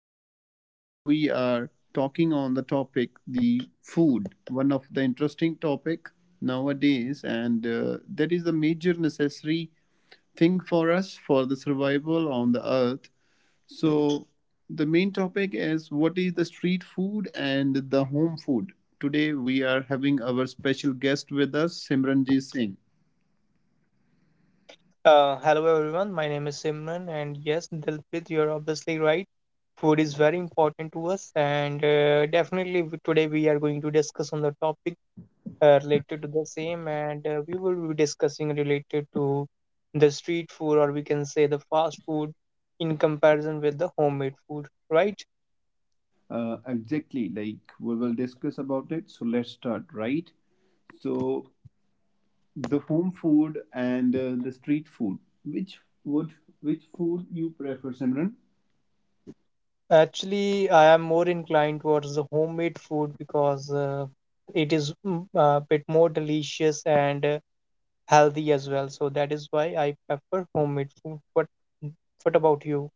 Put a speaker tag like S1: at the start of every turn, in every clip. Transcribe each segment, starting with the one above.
S1: today we are talking on the topic the food, one of the interesting topic nowadays, and that is the major necessary thing for us for the survival on the earth. So the main topic is what is the street food and the home food. Today we are having our special guest with us, Simranjit Singh.
S2: Hello everyone, my name is Simran, and yes, Dilpit, you're obviously right. Food is very important to us, and definitely today we are going to discuss on the topic related to the same, and we will be discussing related to the street food, or we can say the fast food, in comparison with the homemade food, right?
S1: Exactly, like we will discuss about it. So let's start, right? So the home food and the street food. Which would which food you prefer, Simran?
S2: Actually, I am more inclined towards the homemade food because it is a bit more delicious and healthy as well. So that is why I prefer homemade food. What about you?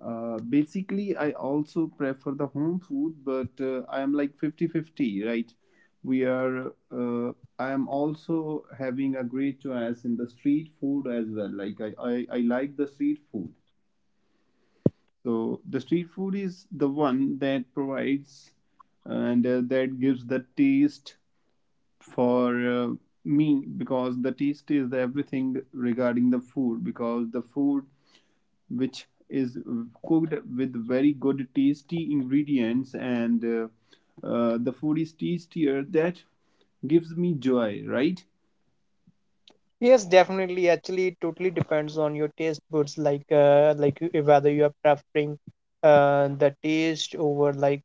S1: Basically, I also prefer the home food, but I am like 50-50, right? We are. I am also having a great choice in the street food as well. Like I like the street food. So the street food is the one that provides and that gives the taste for me, because the taste is the everything regarding the food, because the food which is cooked with very good tasty ingredients and the food is tastier that gives me joy, right?
S2: Yes, definitely. Actually, it totally depends on your taste buds, like whether you are preferring the taste over like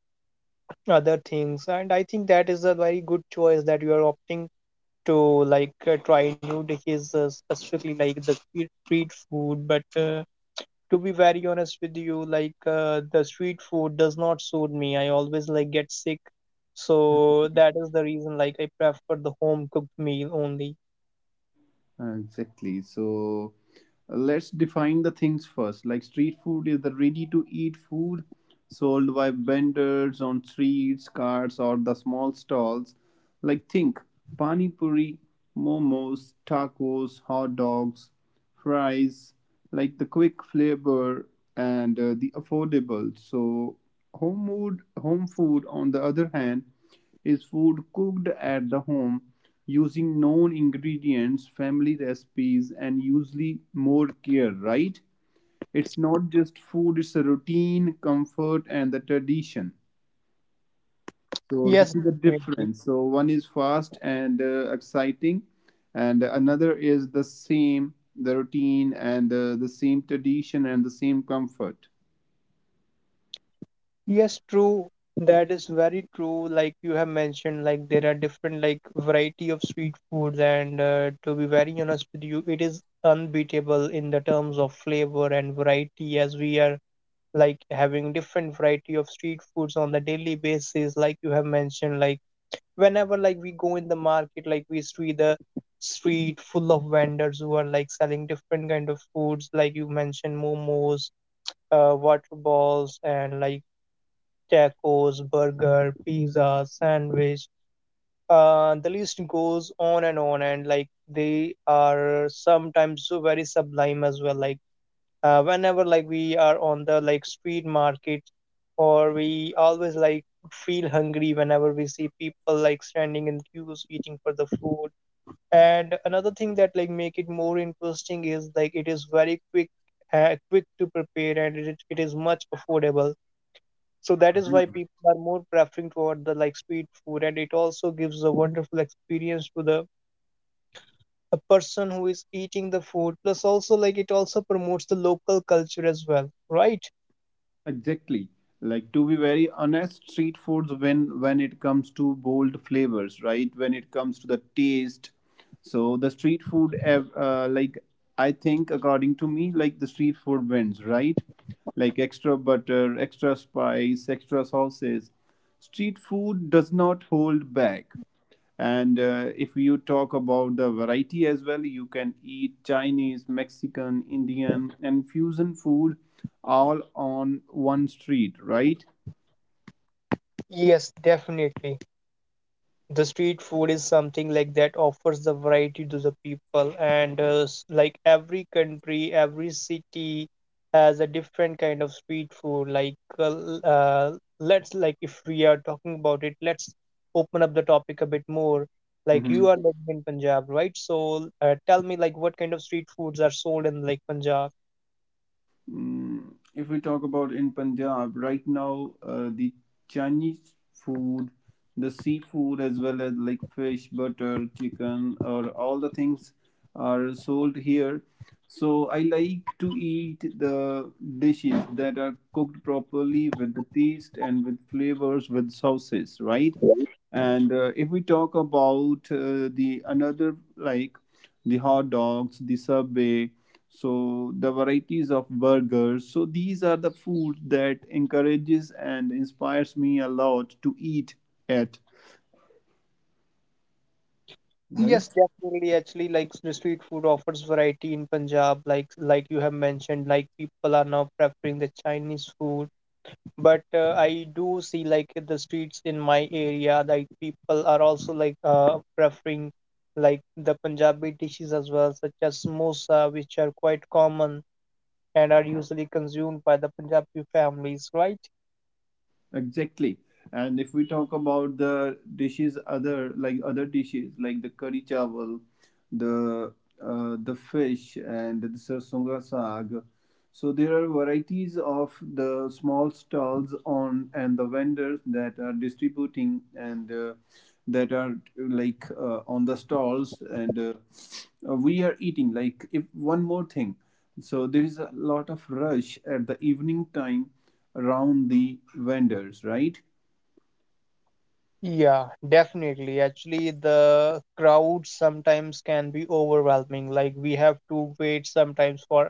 S2: other things. And I think that is a very good choice that you are opting to like try new dishes, specifically like the street food. But uh, to be very honest with you, like the street food does not suit me. I always like get sick. So that is the reason like I prefer the home cooked meal only.
S1: Exactly. So let's define the things first. Like street food is the ready to eat food sold by vendors on streets, carts, or the small stalls. Like think pani puri, momos, tacos, hot dogs, fries, like the quick flavor and the affordable. So home food on the other hand is food cooked at the home using known ingredients, family recipes, and usually more care, right? It's not just food, it's a routine, comfort, and the tradition. So,
S2: Yes,
S1: this is the
S2: definitely.
S1: difference. So, one is fast and exciting, and another is the same, the routine, and the same tradition, and the same comfort.
S2: Yes, true. That is very true. Like you have mentioned, like there are different like variety of street foods, and to be very honest with you, it is unbeatable in the terms of flavor and variety, as we are like having different variety of street foods on the daily basis, like you have mentioned. Like whenever like we go in the market, like we see the street full of vendors who are like selling different kind of foods, like you mentioned momos, water balls, and like tacos, burger, pizza, sandwich. The list goes on and on, and like they are sometimes so very sublime as well. Like whenever like we are on the like street markets, or we always like feel hungry whenever we see people like standing in queues eating for the food. And another thing that like make it more interesting is like it is very quick, quick to prepare, and it is much affordable. So that is why people are more preferring toward the like street food, and it also gives a wonderful experience to the a person who is eating the food, plus also like it also promotes the local culture as well, right?
S1: Exactly. Like to be very honest, street foods when it comes to bold flavors, right? When it comes to the taste, so the street food, like I think according to me, like the street food wins, right? Like extra butter, extra spice, extra sauces. Street food does not hold back. And if you talk about the variety as well, you can eat Chinese, Mexican, Indian, and fusion food all on one street, right?
S2: Yes, definitely. The street food is something like that offers the variety to the people, and like every country, every city has a different kind of street food. Like, let's like if we are talking about it, let's open up the topic a bit more. Like,
S1: Mhm.
S2: you are living in Punjab, right? So, tell me, like, what kind of street foods are sold in like Punjab?
S1: If we talk about in Punjab right now, the Chinese food, the seafood as well as like fish, butter, chicken, or all the things are sold here. So I like to eat the dishes that are cooked properly with the taste and with flavors with sauces, right? And if we talk about the another like the hot dogs, the subway, so the varieties of burgers. So these are the food that encourages and inspires me a lot to eat at. Right?
S2: Yes, definitely. Actually, like the street food offers variety in Punjab, like you have mentioned, like people are now preferring the Chinese food. But I do see like the streets in my area, like people are also like preferring like the Punjabi dishes as well, such as samosa, which are quite common and are usually consumed by the Punjabi families, right?
S1: Exactly. And if we talk about the dishes, other like other dishes like the curry chawal, the the fish and the sarsunga saag, so there are varieties of the small stalls on and the vendors that are distributing and that are like on the stalls and we are eating like if one more thing, so there is a lot of rush at the evening time around the vendors, right?
S2: Yeah, definitely. Actually, the crowd sometimes can be overwhelming. Like we have to wait sometimes for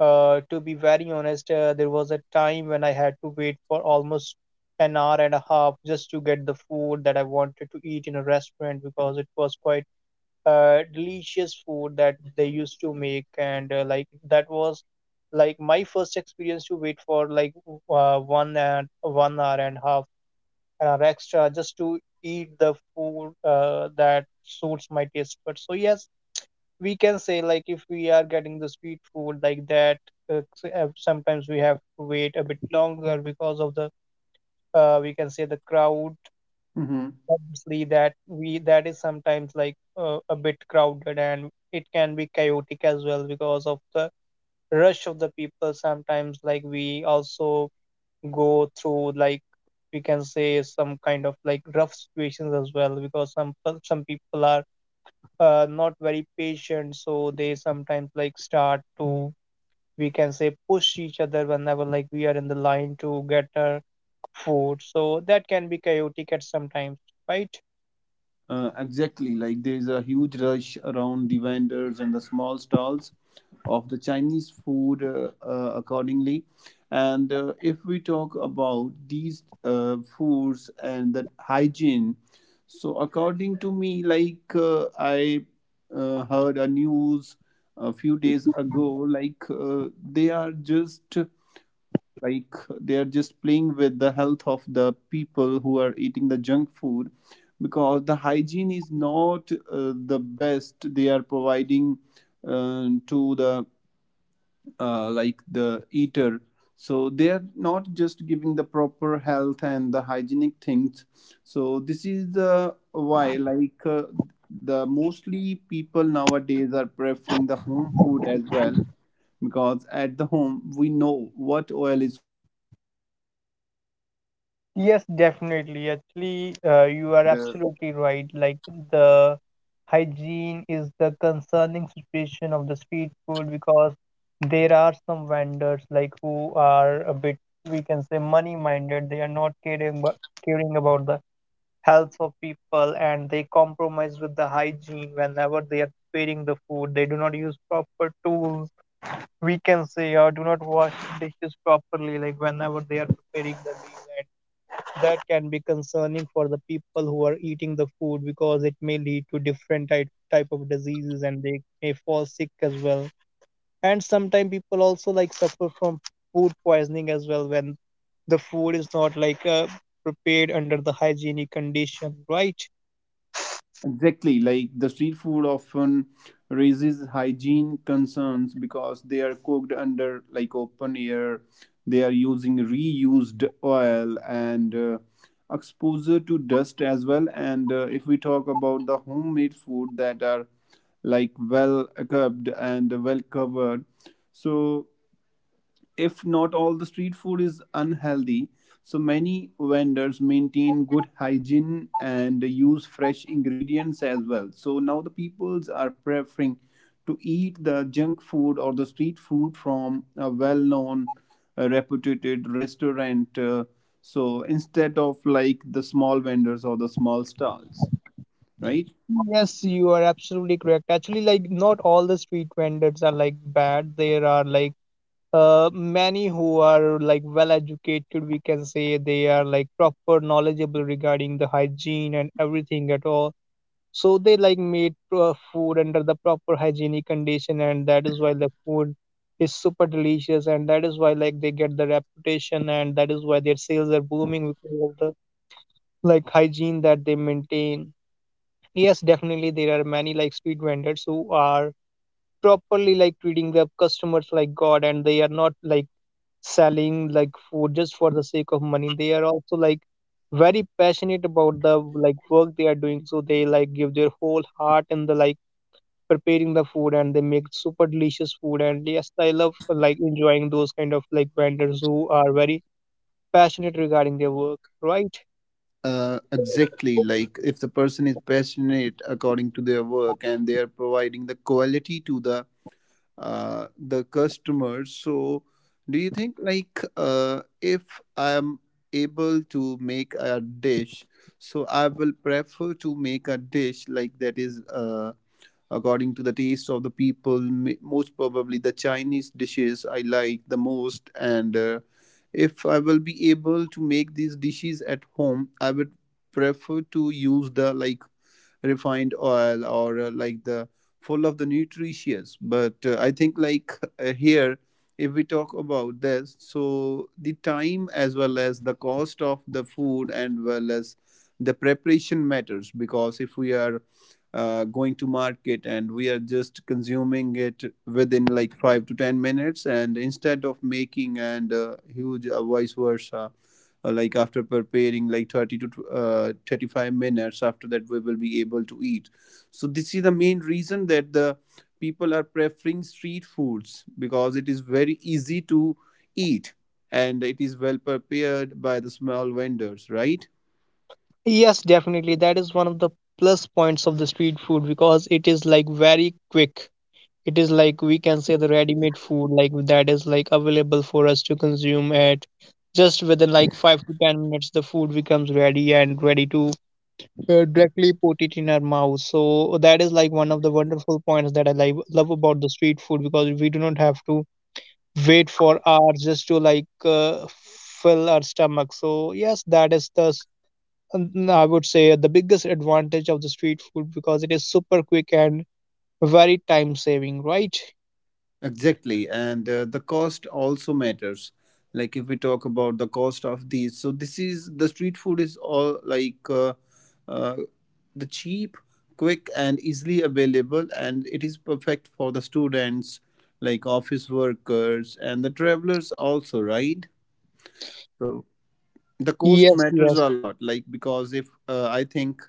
S2: to be very honest, there was a time when I had to wait for almost 1 hour and a half just to get the food that I wanted to eat in a restaurant because it was quite delicious food that they used to make, and like that was like my first experience to wait for like 1 and 1 hour and a half and are extra just to eat the food that suits my taste buds. So yes, we can say like if we are getting the sweet food like that, sometimes we have to wait a bit longer because of the, we can say, the crowd.
S1: Mm-hmm.
S2: Obviously, that is sometimes like a bit crowded, and it can be chaotic as well because of the rush of the people. Sometimes like we also go through like, we can say, some kind of like rough situations as well, because some people are not very patient, so they sometimes like start to, we can say, push each other whenever like we are in the line to get our food. So that can be chaotic at sometimes, right?
S1: Exactly, like there is a huge rush around the vendors and the small stalls of the Chinese food accordingly. And if we talk about these foods and that hygiene, so according to me, I heard a news a few days ago, like they are just like they are just playing with the health of the people who are eating the junk food, because the hygiene is not the best they are providing to the like the eater, so they are not just giving the proper health and the hygienic things. So this is the why like the mostly people nowadays are preferring the home food as well, because at the home we know what oil is cooked or used, how clean the
S2: Yes,
S1: utensils are,
S2: definitely.
S1: and
S2: Actually,
S1: uh,
S2: you are absolutely right. Like the hygiene is the concerning situation of the street food because there are some vendors like who are a bit, we can say, money-minded. They are not caring about the health of people, and they compromise with the hygiene whenever they are preparing the food. They do not use proper tools, we can say, or do not wash dishes properly. Like whenever they are preparing the meal, that can be concerning for the people who are eating the food because it may lead to different type of diseases, and they may fall sick as well. And sometimes people also like suffer from food poisoning as well when the food is not like prepared under the hygienic condition, right?
S1: exactly like the street food often raises hygiene concerns because they are cooked under like open air, they are using reused oil and exposure to dust as well, and if we talk about the homemade food that are like well equipped and well covered. So if not all the street food is unhealthy, so many vendors maintain good hygiene and use fresh ingredients as well, so now the peoples are preferring to eat the junk food or the street food from a well-known reputed restaurant, so instead of like the small vendors or the small stalls, right?
S2: Yes, you are absolutely correct. Actually, like not all the street vendors are like bad. There are like many who are like well educated, we can say. They are like proper knowledgeable regarding the hygiene and everything at all, so they like made food under the proper hygienic condition. And that is why the food is super delicious, and that is why like they get the reputation, and that is why their sales are booming because of the like hygiene that they maintain. Yes, definitely there are many like street vendors who are properly like treating their customers like god, and they are not like selling like food just for the sake of money. They are also like very passionate about the like work they are doing, so they like give their whole heart in the like preparing the food, and they make super delicious food. And yes, I love like enjoying those kind of like vendors who are very passionate regarding their work, right?
S1: Exactly. Like if the person is passionate according to their work and they are providing the quality to the customers. So, do you think like if I'm able to make a dish, so I will prefer to make a dish like that is according to the taste of the people. Most probably, the Chinese dishes I like the most, and if I will be able to make these dishes at home, I would prefer to use the like refined oil or like the full of the nutritious but I think like here if we talk about this, so the time as well as the cost of the food and well as the preparation matters, because if we are going to market and we are just consuming it within like 5 to 10 minutes, and instead of making and huge vice versa, like after preparing like 30 to 35 minutes, after that we will be able to eat. So this is the main reason that the people are preferring street foods, because it is very easy to eat and it is well prepared by the small vendors, right?
S2: Yes, definitely that is one of the plus points of the street food because it is like very quick. It is, like we can say, the ready-made food like that is like available for us to consume at just within like 5 to 10 minutes. The food becomes ready and ready to directly put it in our mouth. So that is like one of the wonderful points that I like love about the street food, because we do not have to wait for hours just to like fill our stomach. So yes, that is the I would say the biggest advantage of the street food because it is super quick and very time saving, right?
S1: Exactly, and the cost also matters. Like if we talk about the cost of these, so this is the street food is all like uh, the cheap, quick, and easily available, and it is perfect for the students, like office workers and the travelers also, right? So the cost
S2: Yes,
S1: matters
S2: yes.
S1: a lot like because if I think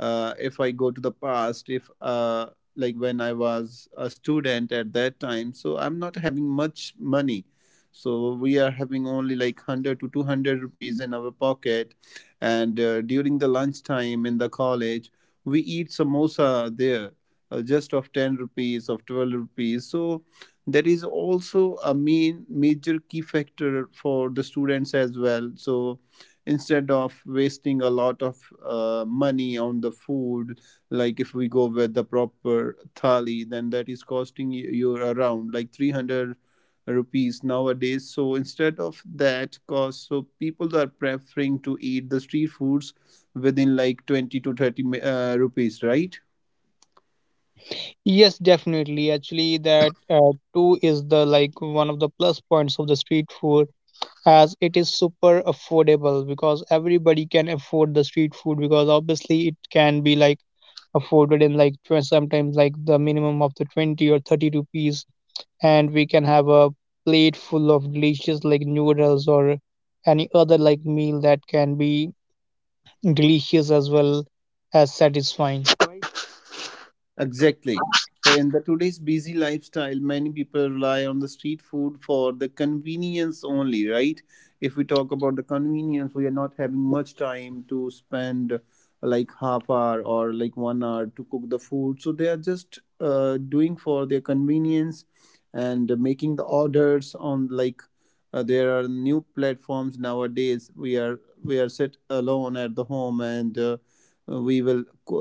S1: if I go to the past if like when I was a student at that time, so I'm not having much money, so we are having only like 100 to 200 rupees in our pocket, and during the lunchtime in the college we eat samosa there, just of 10 rupees of 12 rupees. So that is also a main major key factor for the students as well, so instead of wasting a lot of money on the food, like if we go with the proper thali, then that is costing you around like 300 rupees nowadays, so instead of that cost, so people are preferring to eat the street foods within like 20 to 30 rupees, right?
S2: Yes, definitely. Actually, that too is the like one of the plus points of the street food, as it is super affordable because everybody can afford the street food, because obviously it can be like afforded in like sometimes like the minimum of the 20 or 30 rupees, and we can have a plate full of delicious like noodles or any other like meal that can be delicious as well as satisfying.
S1: Exactly. So in the today's busy lifestyle, many people rely on the street food for the convenience only, right? If we talk about the convenience, we are not having much time to spend like half hour or like 1 hour to cook the food. So they are just doing for their convenience and making the orders on like there are new platforms nowadays. We are sit alone at the home and we will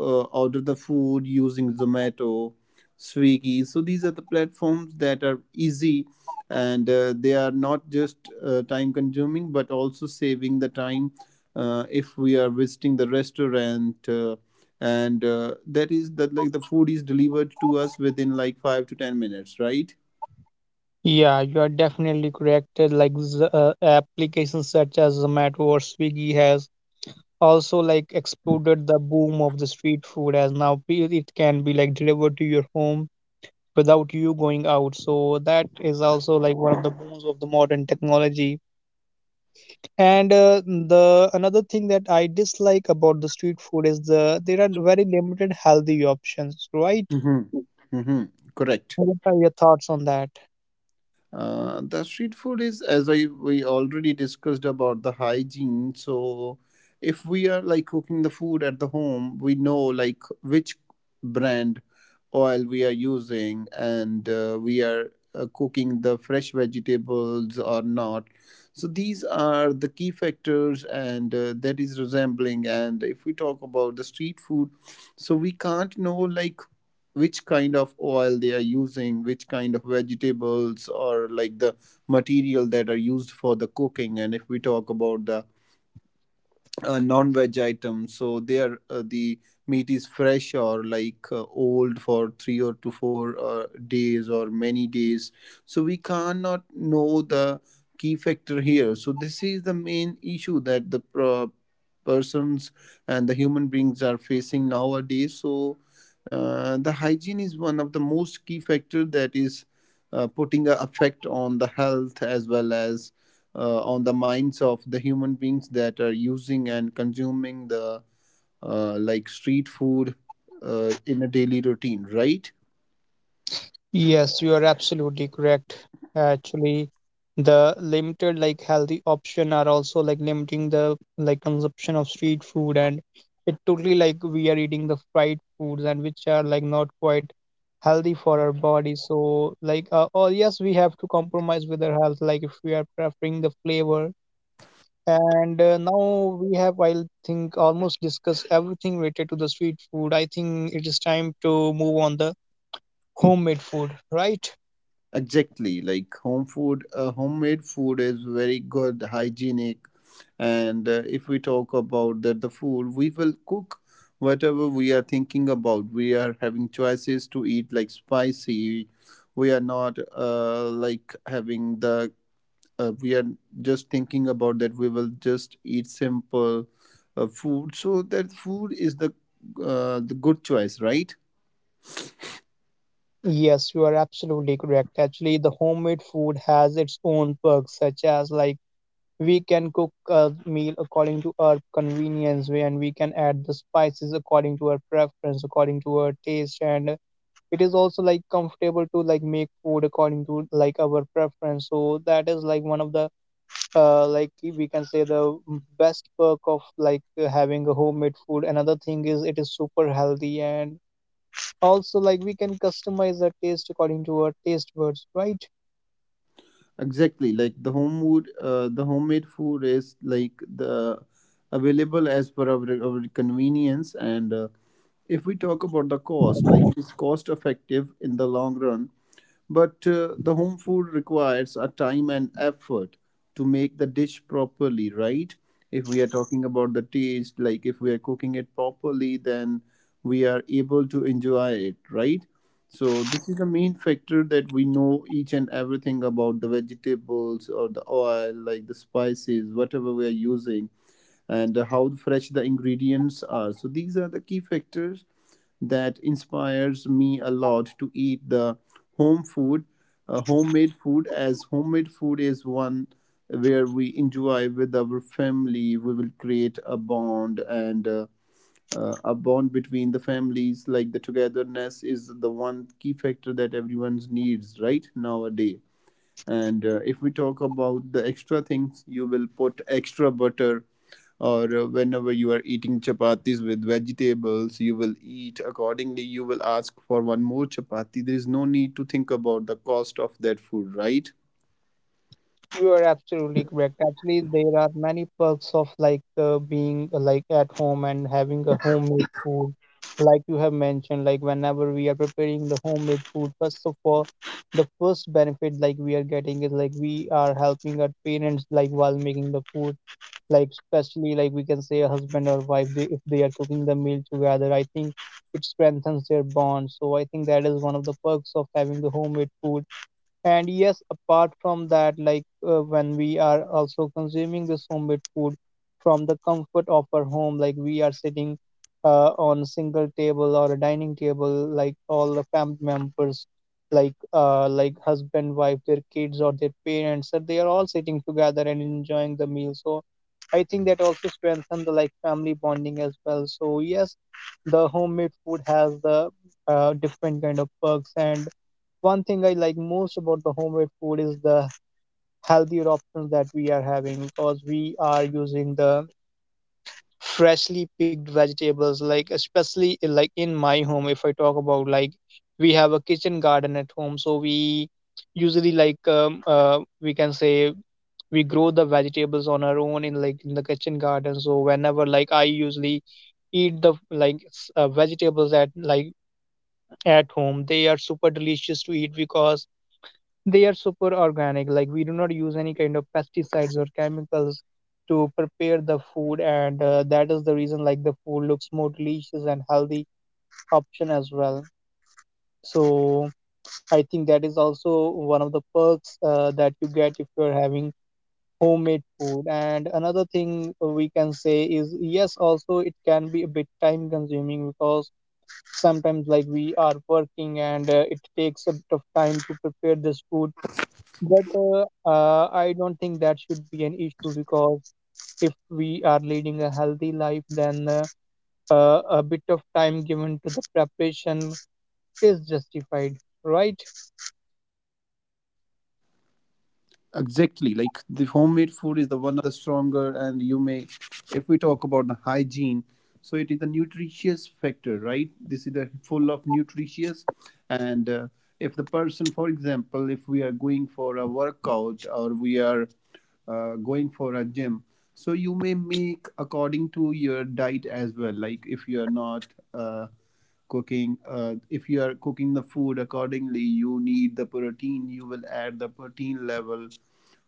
S1: order the food using Zomato, Swiggy. So these are the platforms that are easy and they are not just time consuming but also saving the time if we are visiting the restaurant. And That is that like the food is delivered to us within like 5 to 10 minutes, right?
S2: Yeah, you are definitely correct. Like applications such as Zomato or Swiggy has also like exploded the boom of the street food, as now it can be like delivered to your home without you going out. So that is also like one of the booms of the modern technology. And the another thing that I dislike about the street food is the there are very limited healthy options, right?
S1: Mm-hmm. Mm-hmm. Correct.
S2: What are your thoughts on that?
S1: The street food is, as I we already discussed about the hygiene. So, if we are like cooking the food at the home, we know like which brand oil we are using, and we are cooking the fresh vegetables or not. So these are the key factors, and that is resembling. And if we talk about the street food, so we can't know like which kind of oil they are using, which kind of vegetables or like the material that are used for the cooking. And if we talk about the non-veg items, so there the meat is fresh or like old for three or to four days or many days, so we cannot know the key factor here. So this is the main issue that the persons and the human beings are facing nowadays. So the hygiene is one of the most key factor that is putting a effect on the health as well as on the minds of the human beings that are using and consuming the like street food in a daily routine, right?
S2: Yes, you are absolutely correct. Actually, the limited like healthy option are also like limiting the like consumption of street food, and it totally like we are eating the fried foods and which are like not quite healthy for our body. So like oh yes, we have to compromise with our health like if we are preferring the flavor. And now we have, I think, almost discussed everything related to the street food. I think it is time to move on the homemade food, right?
S1: Exactly. Like home food, homemade food is very good, hygienic, and if we talk about that, the food we will cook whatever we are thinking about. We are having choices to eat like spicy. We are not like having the we are just thinking about that we will just eat simple food, so that food is the good choice, right?
S2: Yes, you are absolutely correct. Actually, the homemade food has its own perks, such as like we can cook a meal according to our convenience way, and we can add the spices according to our preference, according to our taste, and it is also like comfortable to like make food according to like our preference. So that is like one of the like we can say the best perk of like having a homemade food. Another thing is it is super healthy and also, like, we can customize the taste according to our taste buds, right?
S1: Exactly, like the home food, the homemade food is like the available as per our convenience. And if we talk about the cost, like it is cost effective in the long run, but the home food requires a time and effort to make the dish properly, right? If we are talking about the taste, like if we are cooking it properly, then we are able to enjoy it, right? So this is the main factor, that we know each and everything about the vegetables or the oil, like the spices, whatever we are using, and how fresh the ingredients are. So these are the key factors that inspires me a lot to eat the home food, homemade food, as homemade food is one where we enjoy with our family. We will create a bond and. A bond between the families, like the togetherness is the one key factor that everyone needs right nowadays. And if we talk about the extra things, you will put extra butter or whenever you are eating chapatis with vegetables, you will eat accordingly, you will ask for one more chapati. There is no need to think about the cost of that food, right?
S2: You are absolutely correct. Actually, there are many perks of being like at home and having a homemade food. Like you have mentioned, like whenever we are preparing the homemade food, first of all, the first benefit like we are getting is like we are helping our parents like while making the food. Like especially, like, we can say a husband or wife, they, if they are cooking the meal together, I think it strengthens their bond. So I think that is one of the perks of having the homemade food. And yes, apart from that, when we are also consuming this homemade food from the comfort of our home, like we are sitting on a single table or a dining table, like all the family members, like husband, wife, their kids or their parents, so they are all sitting together and enjoying the meal. So I think that also strengthen the like family bonding as well. So yes, the homemade food has the different kind of perks. And one thing I like most about the homemade food is the healthier options that we are having, because we are using the freshly picked vegetables, like especially like in my home, if I talk about, like, we have a kitchen garden at home, so we usually like we can say we grow the vegetables on our own in, like, in the kitchen garden. So whenever, like, I usually eat the vegetables at like at home, they are super delicious to eat because they are super organic. Like, we do not use any kind of pesticides or chemicals to prepare the food, and that is the reason, like, the food looks more delicious and healthy option as well. So I think that is also one of the perks that you get if you're having homemade food. And another thing we can say is, yes, also it can be a bit time consuming, because sometimes like we are working and it takes a bit of time to prepare this food. But I don't think that should be an issue, because if we are leading a healthy life, then a bit of time given to the preparation is justified, right?
S1: Exactly, like the homemade food is the one of the stronger, and you may, if we talk about the hygiene, so it is the nutritious factor, right? This is the full of nutritious. And if the person, for example, if we are going for a workout or we are going for a gym, so you may make according to your diet as well. Like if you are not uh, cooking if you are cooking the food accordingly, you need the protein, you will add the protein level.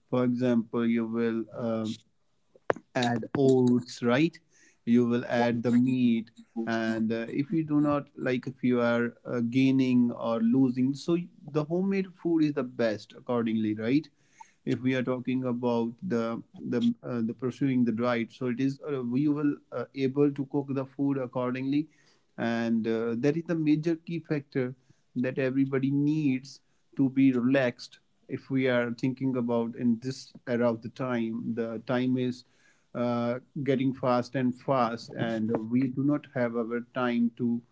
S1: For example, you will add oats, right? You will add the meat. And if you do not like, if you are gaining or losing, so the homemade food is the best accordingly, right? If we are talking about the the pursuing the diet, so it is we will able to cook the food accordingly, and that is the major key factor that everybody needs to be relaxed. If we are thinking about, in this era of the time, the time is getting fast and fast, and we do not have our time to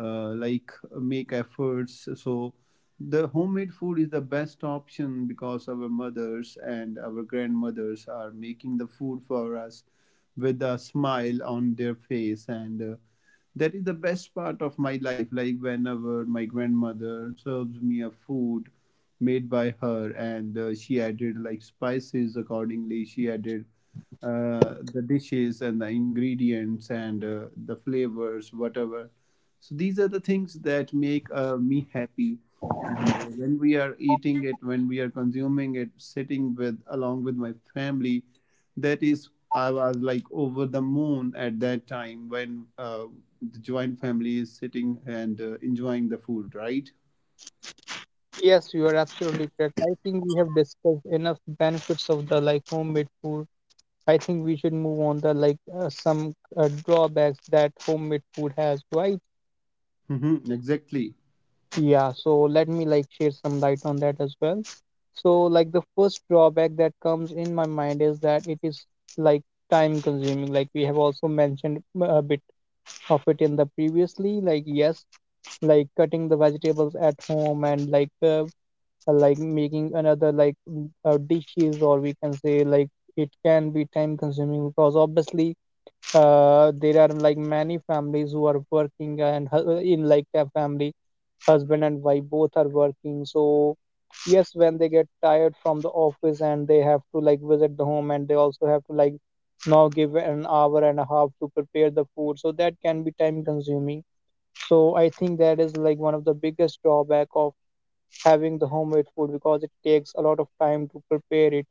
S1: like make efforts. So the homemade food is the best option, because our mothers and our grandmothers are making the food for us with a smile on their face. And that is the best part of my life, like whenever my grandmother serves me a food made by her, and she added like spices accordingly, she added the dishes and the ingredients and the flavors, whatever. So these are the things that make me happy. And when we are eating it, when we are consuming it, sitting with along with my family, that is, I was like over the moon at that time, when the joint family is sitting and enjoying the food, right?
S2: Yes, you are absolutely correct. I think we have discussed enough benefits of the like homemade food. I think we should move on the some drawbacks that homemade food has, right?
S1: Hmm, exactly.
S2: Yeah, so let me like share some light on that as well. So like the first drawback that comes in my mind is that it is, like, time consuming. Like we have also mentioned a bit of it in the previously. Like yes, like cutting the vegetables at home and like making another dishes, or we can say, like, it can be time consuming because obviously there are like many families who are working, and in like a family husband and wife both are working. So yes, when they get tired from the office and they have to like visit the home, and they also have to, like, now give an hour and a half to prepare the food, so that can be time consuming. So I think that is like one of the biggest drawback of having the homemade food, because it takes a lot of time to prepare it.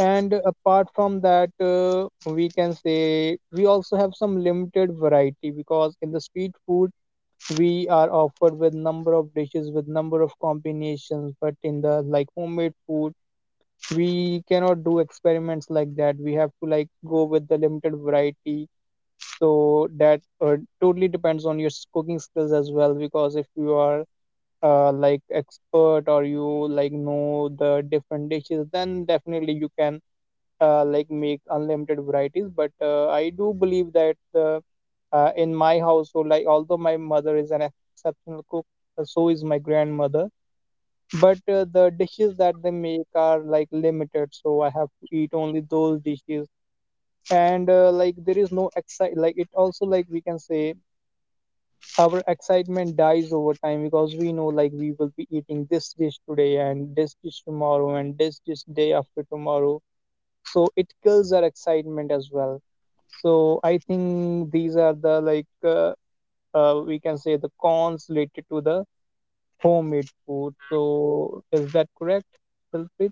S2: And apart from that, we can say we also have some limited variety, because in the street food we are offered with number of dishes with number of combinations, but in the like homemade food we cannot do experiments like that. We have to like go with the limited variety. So that totally depends on your cooking skills as well, because if you are like expert, or you like know the different dishes, then definitely you can like make unlimited varieties. But I do believe that the in my household, like although my mother is an exceptional cook, so is my grandmother, but the dishes that they make are like limited, so I have to eat only those dishes. And like there is no excite, like it also, like we can say, our excitement dies over time, because we know, like, we will be eating this dish today and this dish tomorrow and this dish day after tomorrow. So it kills our excitement as well. So I think these are the we can say the cons related to the homemade food. So is that correct, Dilpreet?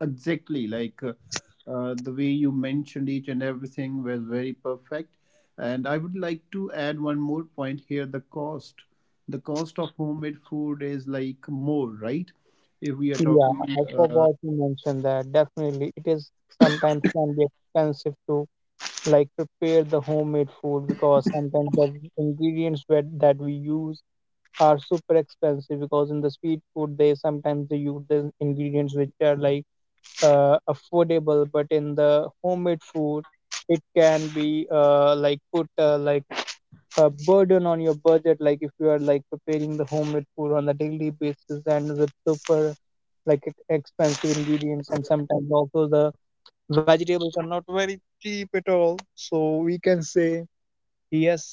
S1: Exactly, like the way you mentioned each and everything was very perfect. And I would like to add one more point here, the cost. The cost of homemade food is like more, right? If we are
S2: Yeah,
S1: talking
S2: I
S1: uh,
S2: forgot to mention that. Definitely, it is sometimes can be expensive to like prepare the homemade food, because sometimes the ingredients that we use are super expensive, because in the street food, they sometimes they use the ingredients which are like affordable. But in the homemade food, it can be like put like a burden on your budget, like if you are like preparing the homemade food on a daily basis and with super expensive ingredients. And sometimes also the vegetables are not very cheap at all, so we can say, yes,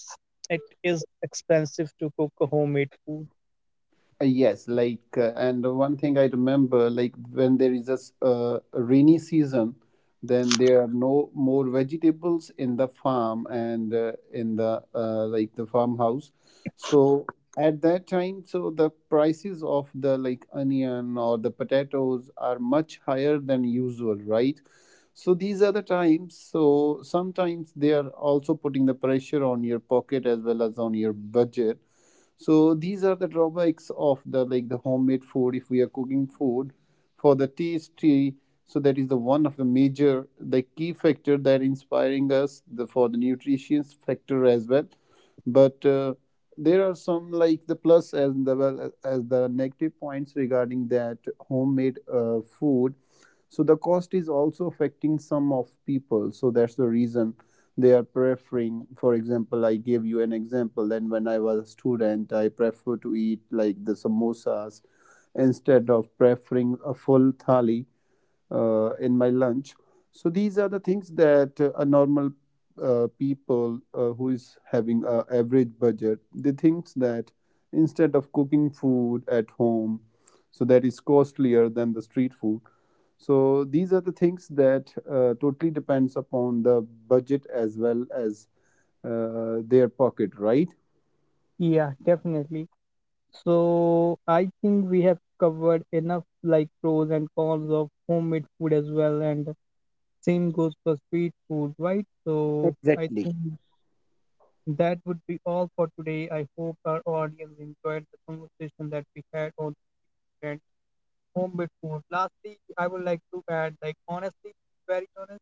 S2: it is expensive to cook a homemade food.
S1: uh, yes, like, and one thing I remember, like, when there is a rainy season, then there are no more vegetables in the farm and in the like the farmhouse. So at that time, so the prices of the like onion or the potatoes are much higher than usual, right? So these are the times. So sometimes they are also putting the pressure on your pocket as well as on your budget. So these are the drawbacks of the like the homemade food, if we are cooking food for the tasty, so that is the one of the major the key factor that inspiring us the for the nutrition factor as well. But there are some like the plus as the well as the negative points regarding that homemade food. So the cost is also affecting some of people. So that's the reason they are preferring. For example, I gave you an example. Then when I was a student, I prefer to eat like the samosas instead of preferring a full thali in my lunch. So these are the things that a normal people who is having a average budget, they thinks that instead of cooking food at home, so that is costlier than the street food. So these are the things that totally depends upon the budget as well as their pocket, right?
S2: Yeah, definitely. So I think we have covered enough like pros and cons of homemade food as well, and same goes for street food, right? So I
S1: Exactly.
S2: think that would be all for today. I hope our audience enjoyed the conversation that we had on and homemade food. Lastly, I would like to add, like honestly, very honest,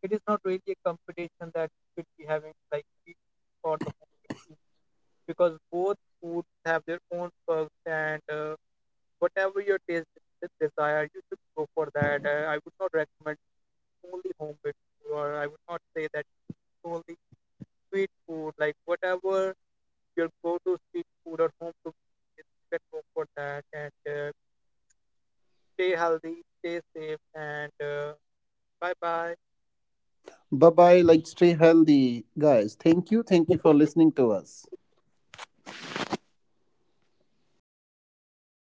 S2: it is not really a competition that we should be having, like we, for the homemade food, because both foods have their own perks. And whatever your taste desire, you should go for that. I would not recommend only homemade food, or I would not say that only street food. Like whatever your go-to street food or home food is, you can go for that. And stay healthy, stay safe, and bye bye.
S1: Bye bye. Like stay healthy, guys. Thank you. Thank you for listening to us.